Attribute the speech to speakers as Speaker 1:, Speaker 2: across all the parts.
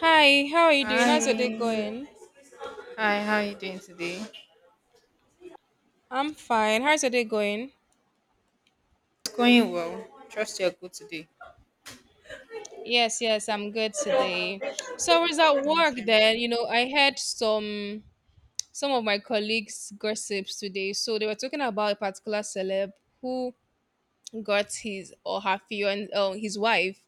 Speaker 1: Hi, how are you doing? How's your day
Speaker 2: Hi.
Speaker 1: going?
Speaker 2: Hi, how are you doing today?
Speaker 1: I'm fine. How's your day going?
Speaker 2: It's going well. Trust you're good today.
Speaker 1: Yes, I'm good today. So I was at work
Speaker 2: Okay.
Speaker 1: then, you know, I heard some of my colleagues gossips today. So they were talking about a particular celeb who got his or her fiance, his wife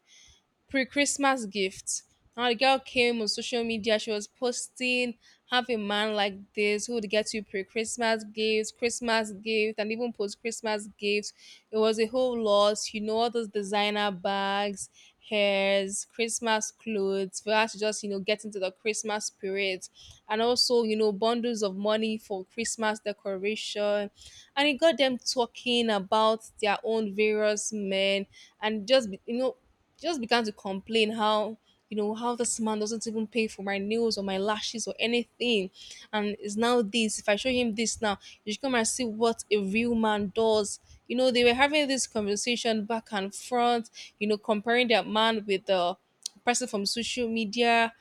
Speaker 1: pre-Christmas gift. Now the girl came on social media. She was posting, "Have a man like this who would get you pre-Christmas gifts, Christmas gift, and even post-Christmas gifts." It was a whole lot, you know, all those designer bags, hairs, Christmas clothes for us to just you know get into the Christmas spirit, and also you know bundles of money for Christmas decoration, and it got them talking about their own various men and you know she just began to complain how you know how this man doesn't even pay for my nails or my lashes or anything. And it's now this, if I show him this now, you should come and see what a real man does. You know, they were having this conversation back and front, you know, comparing that man with the person from social media.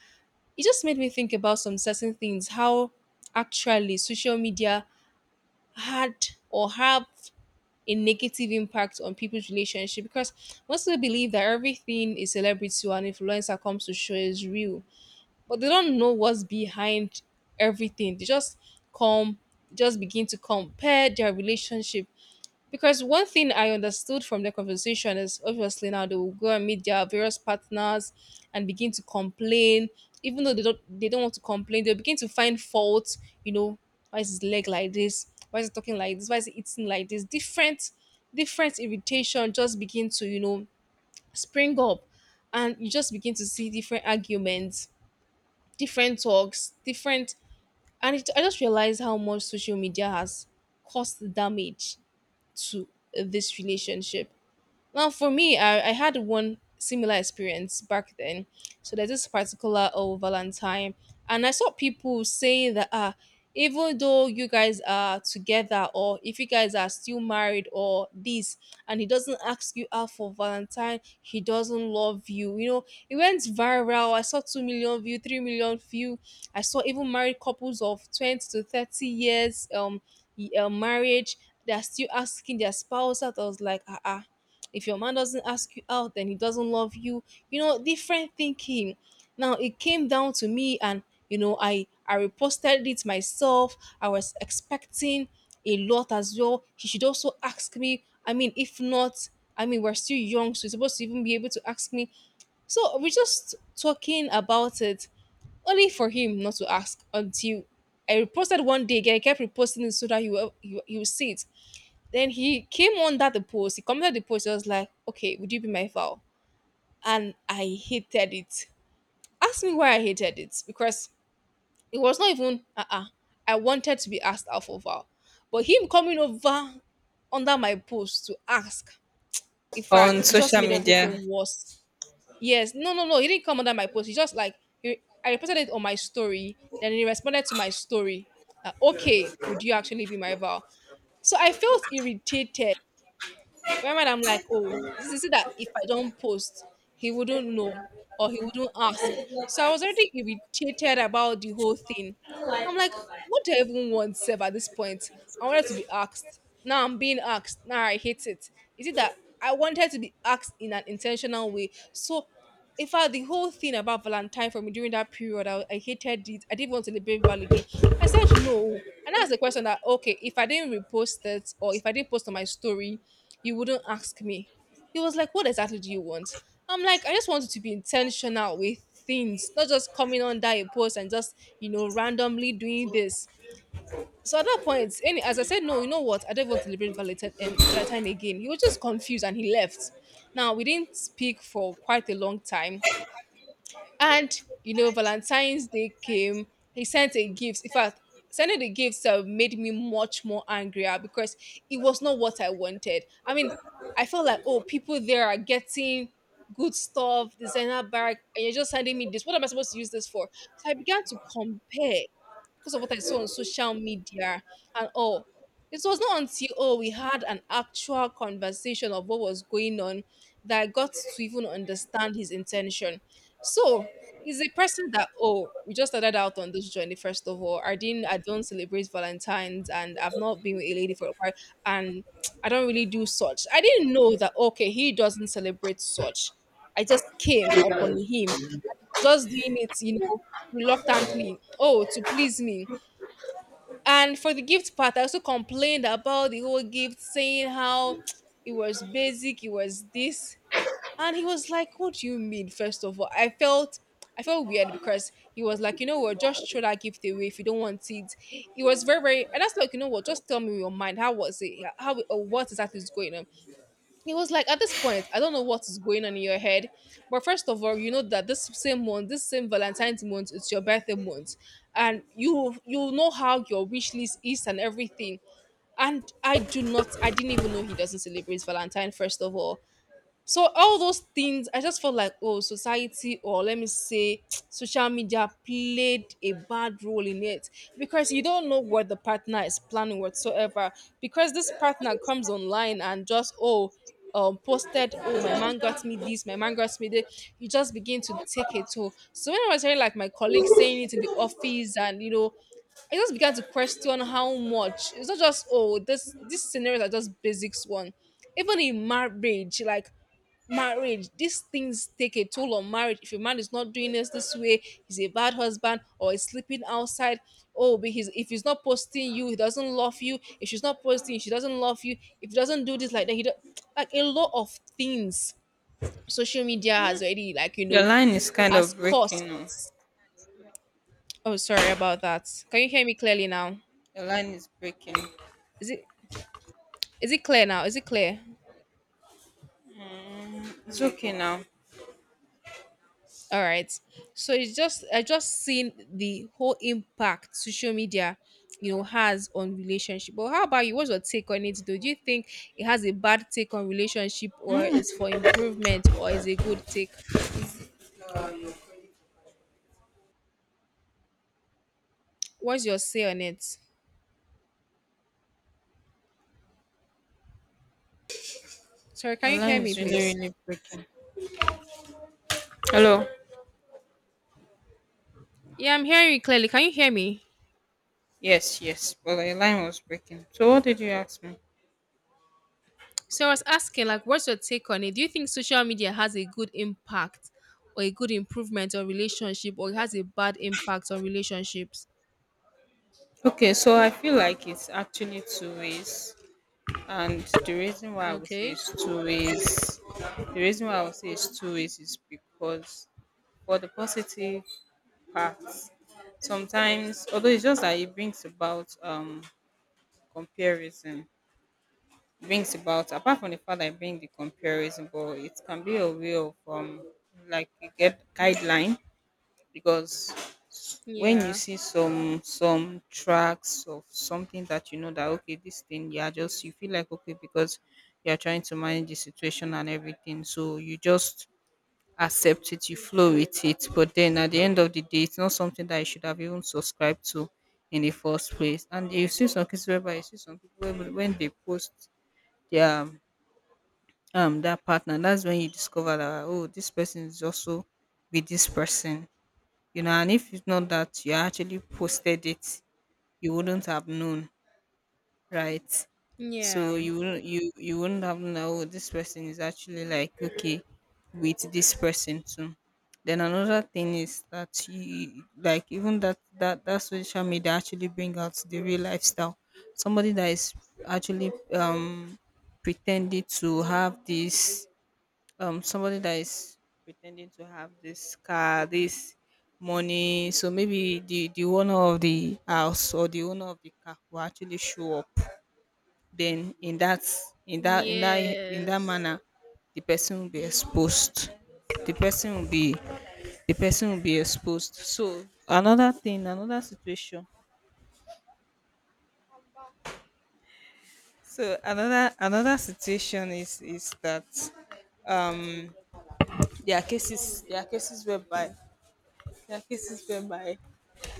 Speaker 1: It just made me think about some certain things, how actually social media had or have a negative impact on people's relationship, because most people believe that everything a celebrity or an influencer comes to show is real, but they don't know what's behind everything. They just come, just begin to compare their relationship, because one thing I understood from the conversation is obviously now they will go and meet their various partners and begin to complain. Even though they don't want to complain, they'll begin to find fault, you know, why is his leg like this? Why is he talking like this? Why is he eating like this? Different irritation just begin to, you know, spring up, and you just begin to see different arguments, different talks, different. And it, I just realized how much social media has caused damage to this relationship. Well, for me, I had one similar experience back then. So there's this particular Valentine, and I saw people saying that even though you guys are together, or if you guys are still married, or this, and he doesn't ask you out for Valentine, he doesn't love you. You know, it went viral. I saw 2 million view, 3 million view. I saw even married couples of 20 to 30 years marriage. They're still asking their spouse out. I was like, uh-uh, if your man doesn't ask you out, then he doesn't love you. You know, different thinking. Now it came down to me, and you know, I reposted it myself. I was expecting a lot as well. He should also ask me. I mean, if not, I mean, we're still young, so he's supposed to even be able to ask me. So we're just talking about it, only for him not to ask until I reposted one day again. I kept reposting it so that he will see it. Then he came under the post. He commented the post. He was like, "Okay, would you be my vow?" And I hated it. Ask me why I hated it, because it was not even I wanted to be asked out for vow, but him coming over under my post to ask. In
Speaker 2: On
Speaker 1: fact, it just
Speaker 2: social
Speaker 1: made
Speaker 2: media.
Speaker 1: everything worse. Yes, no. He didn't come under my post. He just like he, I reported it on my story. Then he responded to my story. Okay, would you actually be my vow? So I felt irritated. Remember, I'm like, oh, this is it, that if I don't post, he wouldn't know or he wouldn't ask. So I was already irritated about the whole thing. I'm like, what do I even want, Sev, at this point? I wanted to be asked. Now I'm being asked. Now I hate it. Is it that I wanted to be asked in an intentional way? So in fact, the whole thing about Valentine for me during that period, I hated it. I didn't want to celebrate Val again. I said no. And that's the question, that, okay, if I didn't repost it or if I didn't post on my story, you wouldn't ask me. He was like, what exactly do you want? I'm like, I just wanted to be intentional with things, not just coming under a post and just, you know, randomly doing this. So at that point, any as I said, no, you know what? I don't want to celebrate Valentine, Valentine again. He was just confused and he left. Now we didn't speak for quite a long time, and you know, Valentine's Day came. He sent a gift. In fact, sending the gifts made me much more angrier because it was not what I wanted. I mean, I felt like oh, people there are getting good stuff, designer bag, and you're just sending me this. What am I supposed to use this for? So I began to compare because of what I saw on social media and all. It was not until we had an actual conversation of what was going on that I got to even understand his intention. So is a person that we just started out on this journey. First of all, I don't celebrate Valentine's, and I've not been with a lady for a while, and I don't really do such. I didn't know that, okay, he doesn't celebrate such. I just came upon him just doing it, you know, reluctantly, to please me. And for the gift part, I also complained about the whole gift, saying how it was basic, it was this. And he was like, what do you mean, first of all? I felt weird, because he was like, you know what, just throw that gift away if you don't want it. It was very, very, and that's like, you know what, just tell me your mind. How was it? How or what exactly is going on? He was like, at this point, I don't know what is going on in your head. But first of all, you know that this same month, this same Valentine's month, it's your birthday month. And you know how your wish list is and everything. And I do not I didn't even know he doesn't celebrate Valentine, first of all. So all those things, I just felt like, oh, society, or let me say social media played a bad role in it, because you don't know what the partner is planning whatsoever. Because this partner comes online and just oh, posted, oh, my man got me this, my man got me that. You just begin to take it toll. So when I was hearing like my colleagues saying it in the office, and you know, I just began to question how much. It's not just oh, this these scenarios are just basics one, even in marriage. Like marriage, these things take a toll on marriage. If a man is not doing this this way, he's a bad husband, or he's sleeping outside, oh, but he's, if he's not posting you, he doesn't love you. If she's not posting, she doesn't love you. If he doesn't do this, like that, like a lot of things social media has already, like you
Speaker 2: Your
Speaker 1: know,
Speaker 2: line is kind
Speaker 1: has
Speaker 2: of
Speaker 1: caused.
Speaker 2: breaking. Oh.
Speaker 1: Oh, sorry about that, can you hear me clearly now?
Speaker 2: Your line is breaking.
Speaker 1: is it is it clear now? Is it clear?
Speaker 2: It's okay now.
Speaker 1: All right. So it's just I just seen the whole impact social media, you know, has on relationship. But how about you? What's your take on it? Though? Do you think it has a bad take on relationship, or is for improvement, or is a good take? What's your say on it? Sorry,
Speaker 2: Your
Speaker 1: can you
Speaker 2: line
Speaker 1: hear
Speaker 2: is
Speaker 1: me,
Speaker 2: really,
Speaker 1: please?
Speaker 2: really breaking. Hello?
Speaker 1: Yeah, I'm hearing you clearly. Can you hear me?
Speaker 2: Yes, yes. Well, your line was breaking. So what did you ask me?
Speaker 1: So I was asking, like, what's your take on it? Do you think social media has a good impact or a good improvement on relationship, or it has a bad impact on relationships?
Speaker 2: Okay, so I feel like it's actually two ways. And the reason why I would say
Speaker 1: Okay.
Speaker 2: it's two ways, the reason why I would say it's two ways is because for the positive paths, sometimes, although, it's just that it brings about comparison. It brings about, apart from the fact that it brings the comparison, but it can be a way of, like, you get guideline. Because when you
Speaker 1: Yeah.
Speaker 2: see some tracks of something that you know that, okay, this thing, yeah, just, you feel like okay, because you're trying to manage the situation and everything, so you just accept it, you flow with it. But then at the end of the day, it's not something that you should have even subscribed to in the first place. And you see some cases whereby you see some people when they post their their partner, that's when you discover that, oh, this person is also with this person, you know. And if it's not that you actually posted it, you wouldn't have known, right? So
Speaker 1: Yeah.
Speaker 2: you wouldn't have known, "Oh, this person is actually like okay with this person too." Then another thing is that, you like, even that social media actually bring out the real lifestyle. Somebody that is actually pretending to have this um somebody that is pretending to have this car, this money. So maybe the owner of the house or the owner of the car will actually show up, then in that
Speaker 1: Yes.
Speaker 2: manner the person will be exposed. The person will be the person will be exposed. So another thing, another situation. So another situation is that, um there are cases there are cases whereby there are cases whereby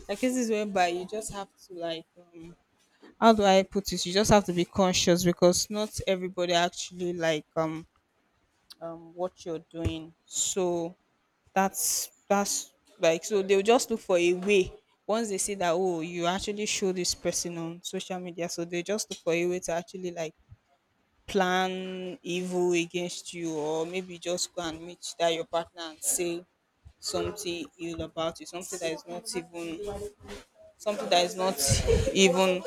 Speaker 2: there are cases whereby you just have to, like, how do I put it, you just have to be conscious, because not everybody actually like what you're doing. So that's like, so they'll just look for a way. Once they see that, oh, you actually show this person on social media, so they just look for a way to actually, like, plan evil against you, or maybe just go and meet that your partner and say something ill about you, something that is not even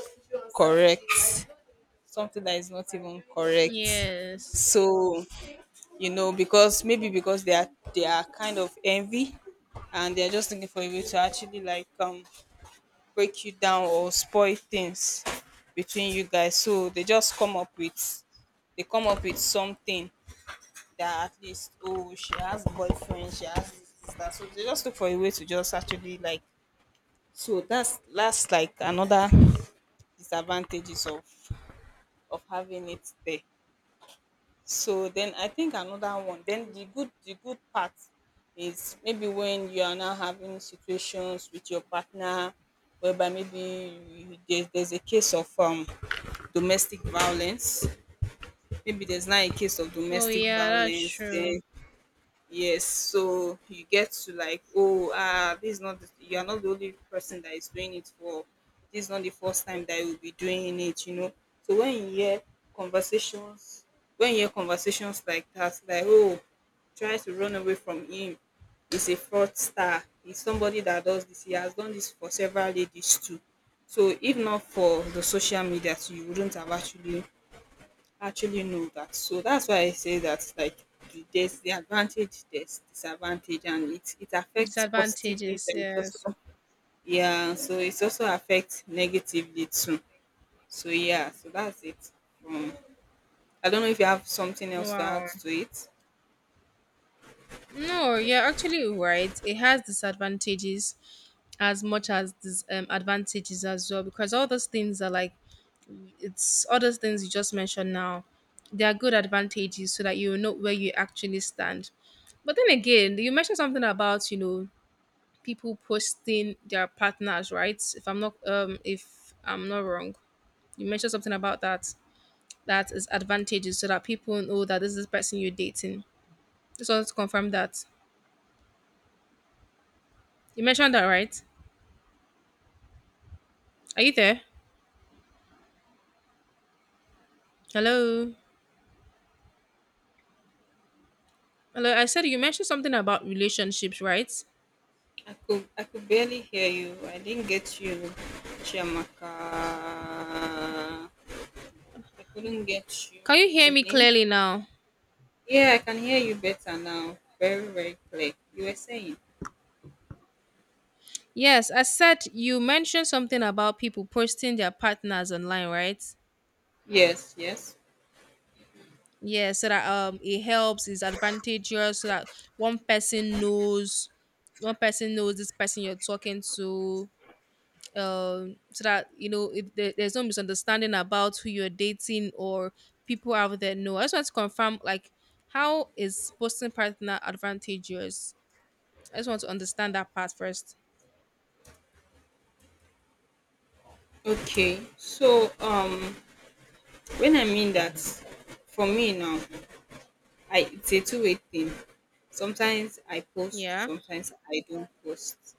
Speaker 2: correct something that is not even correct.
Speaker 1: Yes.
Speaker 2: So you know, because maybe because they are kind of envy, and they're just looking for a way to actually, like, break you down or spoil things between you guys. So they just come up with something, that, at least, oh, she has boyfriend, she has this, this, that. So they just look for a way to just actually like, so that's like another disadvantages of having it there. So then I think another one. Then the good part is maybe when you are now having situations with your partner, whereby, maybe you, there's a case of domestic violence, maybe there's not a case of
Speaker 1: Oh
Speaker 2: domestic
Speaker 1: yeah, that's
Speaker 2: violence,
Speaker 1: true.
Speaker 2: then, yes. So you get to like, oh, ah, this is not the, you are not the only person that is doing it for, this is not the first time that you'll be doing it, you know. So conversations when you hear conversations like that, like, oh, try to run away from him, he's a fraudster, he's somebody that does this, he has done this for several ladies too. So if not for the social media too, you wouldn't have know that. So that's why I say that, like, there's the advantage, there's disadvantage, and it affects positively,
Speaker 1: Disadvantages,
Speaker 2: then it also,
Speaker 1: yes.
Speaker 2: yeah, so it also affects negatively too. So yeah, so that's it from, I don't know if you have something else to add
Speaker 1: Wow.
Speaker 2: to it.
Speaker 1: No, you're actually right. It has disadvantages as much as this advantages as well, because all those things are like it's all those things you just mentioned now. They are good advantages so that you know where you actually stand. But then again, you mentioned something about, you know, people posting their partners, right? If I'm not wrong. You mentioned something about that, that is advantages so that people know that this is the person you're dating. Just want to confirm that. You mentioned that, right? Are you there? Hello? Hello, I said you mentioned something about relationships, right?
Speaker 2: I could barely hear you. I didn't get you, Chiamaka. I couldn't get you,
Speaker 1: Can you hear me
Speaker 2: Evelyn.
Speaker 1: clearly now?
Speaker 2: Yeah, I can hear you better now. Very, very clear. You were saying.
Speaker 1: Yes, I said you mentioned something about people posting their partners online, right?
Speaker 2: Yes, yes.
Speaker 1: Yeah, so that it helps, it's advantageous so that one person knows one person knows this person you're talking to, so that you know, if there's no misunderstanding about who you're dating or people out there know. I just want to confirm, like, how is posting partner advantageous? I just want to understand that part first.
Speaker 2: Okay. So when I mean that, for me now, I, it's a two-way thing. Sometimes I post,
Speaker 1: Yeah,
Speaker 2: sometimes I don't post.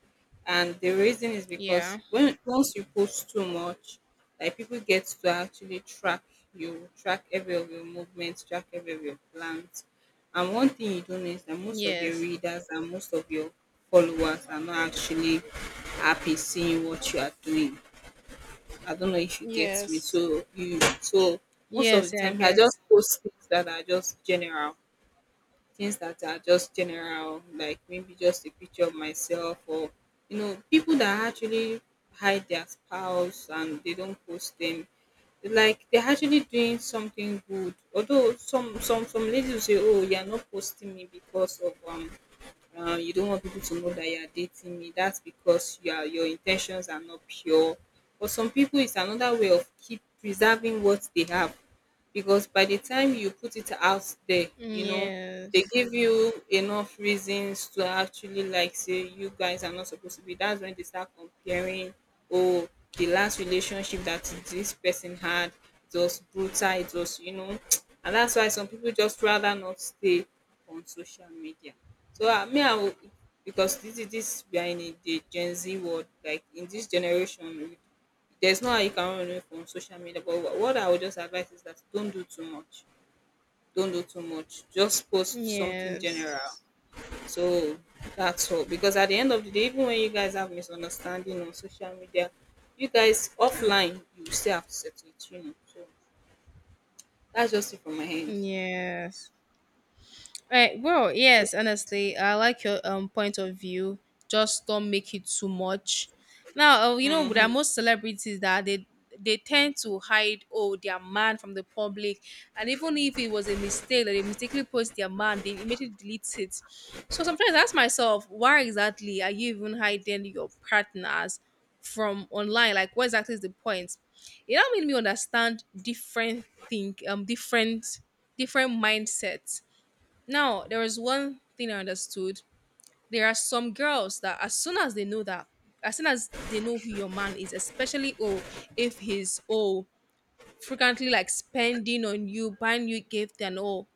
Speaker 2: And the reason is
Speaker 1: yeah,
Speaker 2: because when once you post too much, like, people get to actually track you, track every of your movements, track every of your plans. And one thing you don't know is that most of your
Speaker 1: yes,
Speaker 2: readers and most of your followers are not actually happy seeing what you are doing. I don't know if you get me.
Speaker 1: yes,
Speaker 2: So most of the
Speaker 1: yes, yeah, I
Speaker 2: time I just
Speaker 1: get.
Speaker 2: post things that are just general. Things that are just general, like maybe just a picture of myself or, you know, people that actually hide their spouse and they don't post them. Like they're actually doing something good. Although some ladies will say, oh, you're not posting me because of, you don't want people to know that you are dating me. That's because your intentions are not pure. For some people, it's another way of keep preserving what they have, because by the time you put it out there, you know, they
Speaker 1: Yes,
Speaker 2: give you enough reasons to actually like say you guys are not supposed to be. That's when they start comparing. Oh, the last relationship that this person had, it was brutal. It was, you know, and that's why some people just rather not stay on social media. So I mean, I will, because this is this we are in a, the Gen Z world. Like in this generation, there's no how you can run away from social media, but what I would just advise is that don't do too much. Don't do too much. Just post something
Speaker 1: yes,
Speaker 2: general. So that's all. Because at the end of the day, even when you guys have misunderstanding on social media, you guys offline, you still have to settle it, you know. So that's just it from my end.
Speaker 1: yes. Right. Well,
Speaker 2: So,
Speaker 1: yes, honestly, I like your point of view. Just don't make it too much. Now, you know, there
Speaker 2: mhm.
Speaker 1: are most celebrities that they tend to hide, oh, their man from the public, and even if it was a mistake that they mistakenly post their man, they immediately delete it. So sometimes I ask myself, why exactly are you even hiding your partners from online? Like, what exactly is the point? It now made me understand different think different different mindsets. Now, there is one thing I understood. There are some girls that as soon as they know that, as soon as they know who your man is, especially, oh, if he's, oh, frequently like spending on you, buying you gift and all,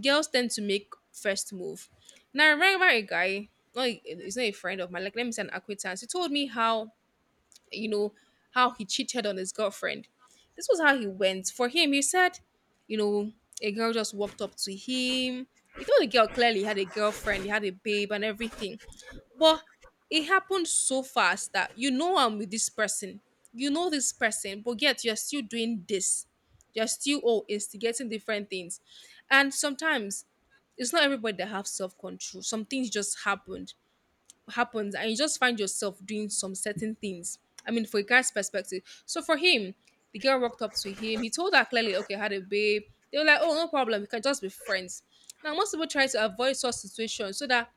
Speaker 1: girls tend to make first move. Now I remember a guy, no, he's not a friend of mine, like let me say an acquaintance. He told me how, you know, how he cheated on his girlfriend. This was how he went. For him, he said, you know, a girl just walked up to him. He told the girl clearly he had a girlfriend, he had a babe, and everything. But it happened so fast that, you know, I'm with this person. You know this person, but yet you're still doing this. You're still, oh, instigating different things. And sometimes it's not everybody that have self-control. Some things just happened happens and you just find yourself doing some certain things. I mean, for a guy's perspective. So for him, the girl walked up to him. He told her clearly, okay, I had a babe. They were like, oh, no problem. We can just be friends. Now, most people try to avoid such situations so that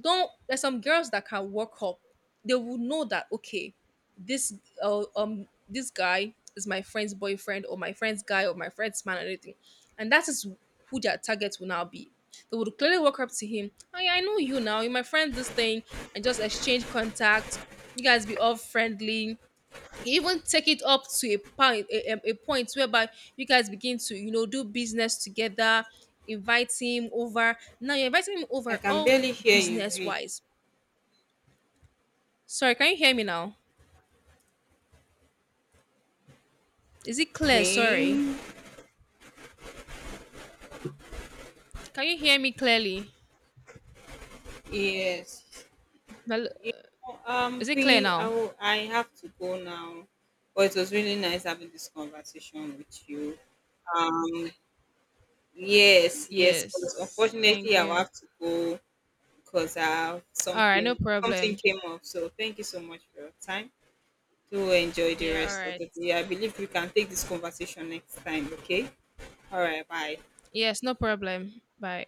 Speaker 1: don't, there's some girls that can walk up, they will know that, okay, this, this guy is my friend's boyfriend or my friend's guy or my friend's man or anything, and that is who their target will now be. They would clearly walk up to him, oh yeah, I know you, now you're my friend, this thing, and just exchange contact, you guys be all friendly, you even take it up to a point, a point whereby you guys begin to, you know, do business together, invite him over, now you're inviting him
Speaker 2: I
Speaker 1: over
Speaker 2: can
Speaker 1: all
Speaker 2: barely hear you,
Speaker 1: business
Speaker 2: V.
Speaker 1: wise. Sorry, can you hear me now? Is it clear? Sorry,
Speaker 2: V.
Speaker 1: can you hear me clearly?
Speaker 2: Yes.
Speaker 1: Hello?
Speaker 2: You know,
Speaker 1: Is it clear now?
Speaker 2: I have to go now, but it was really nice having this conversation with you. Um, yes, yes, but
Speaker 1: Yes, thank
Speaker 2: unfortunately, I will
Speaker 1: you.
Speaker 2: have to go because I have
Speaker 1: All right,
Speaker 2: something,
Speaker 1: no
Speaker 2: something
Speaker 1: problem.
Speaker 2: came up. So thank you so much for your time. Do enjoy the
Speaker 1: Yeah, all
Speaker 2: rest of
Speaker 1: right.
Speaker 2: the day. I believe we can take this conversation next time. Okay. All right. Bye.
Speaker 1: Yes, no problem, bye.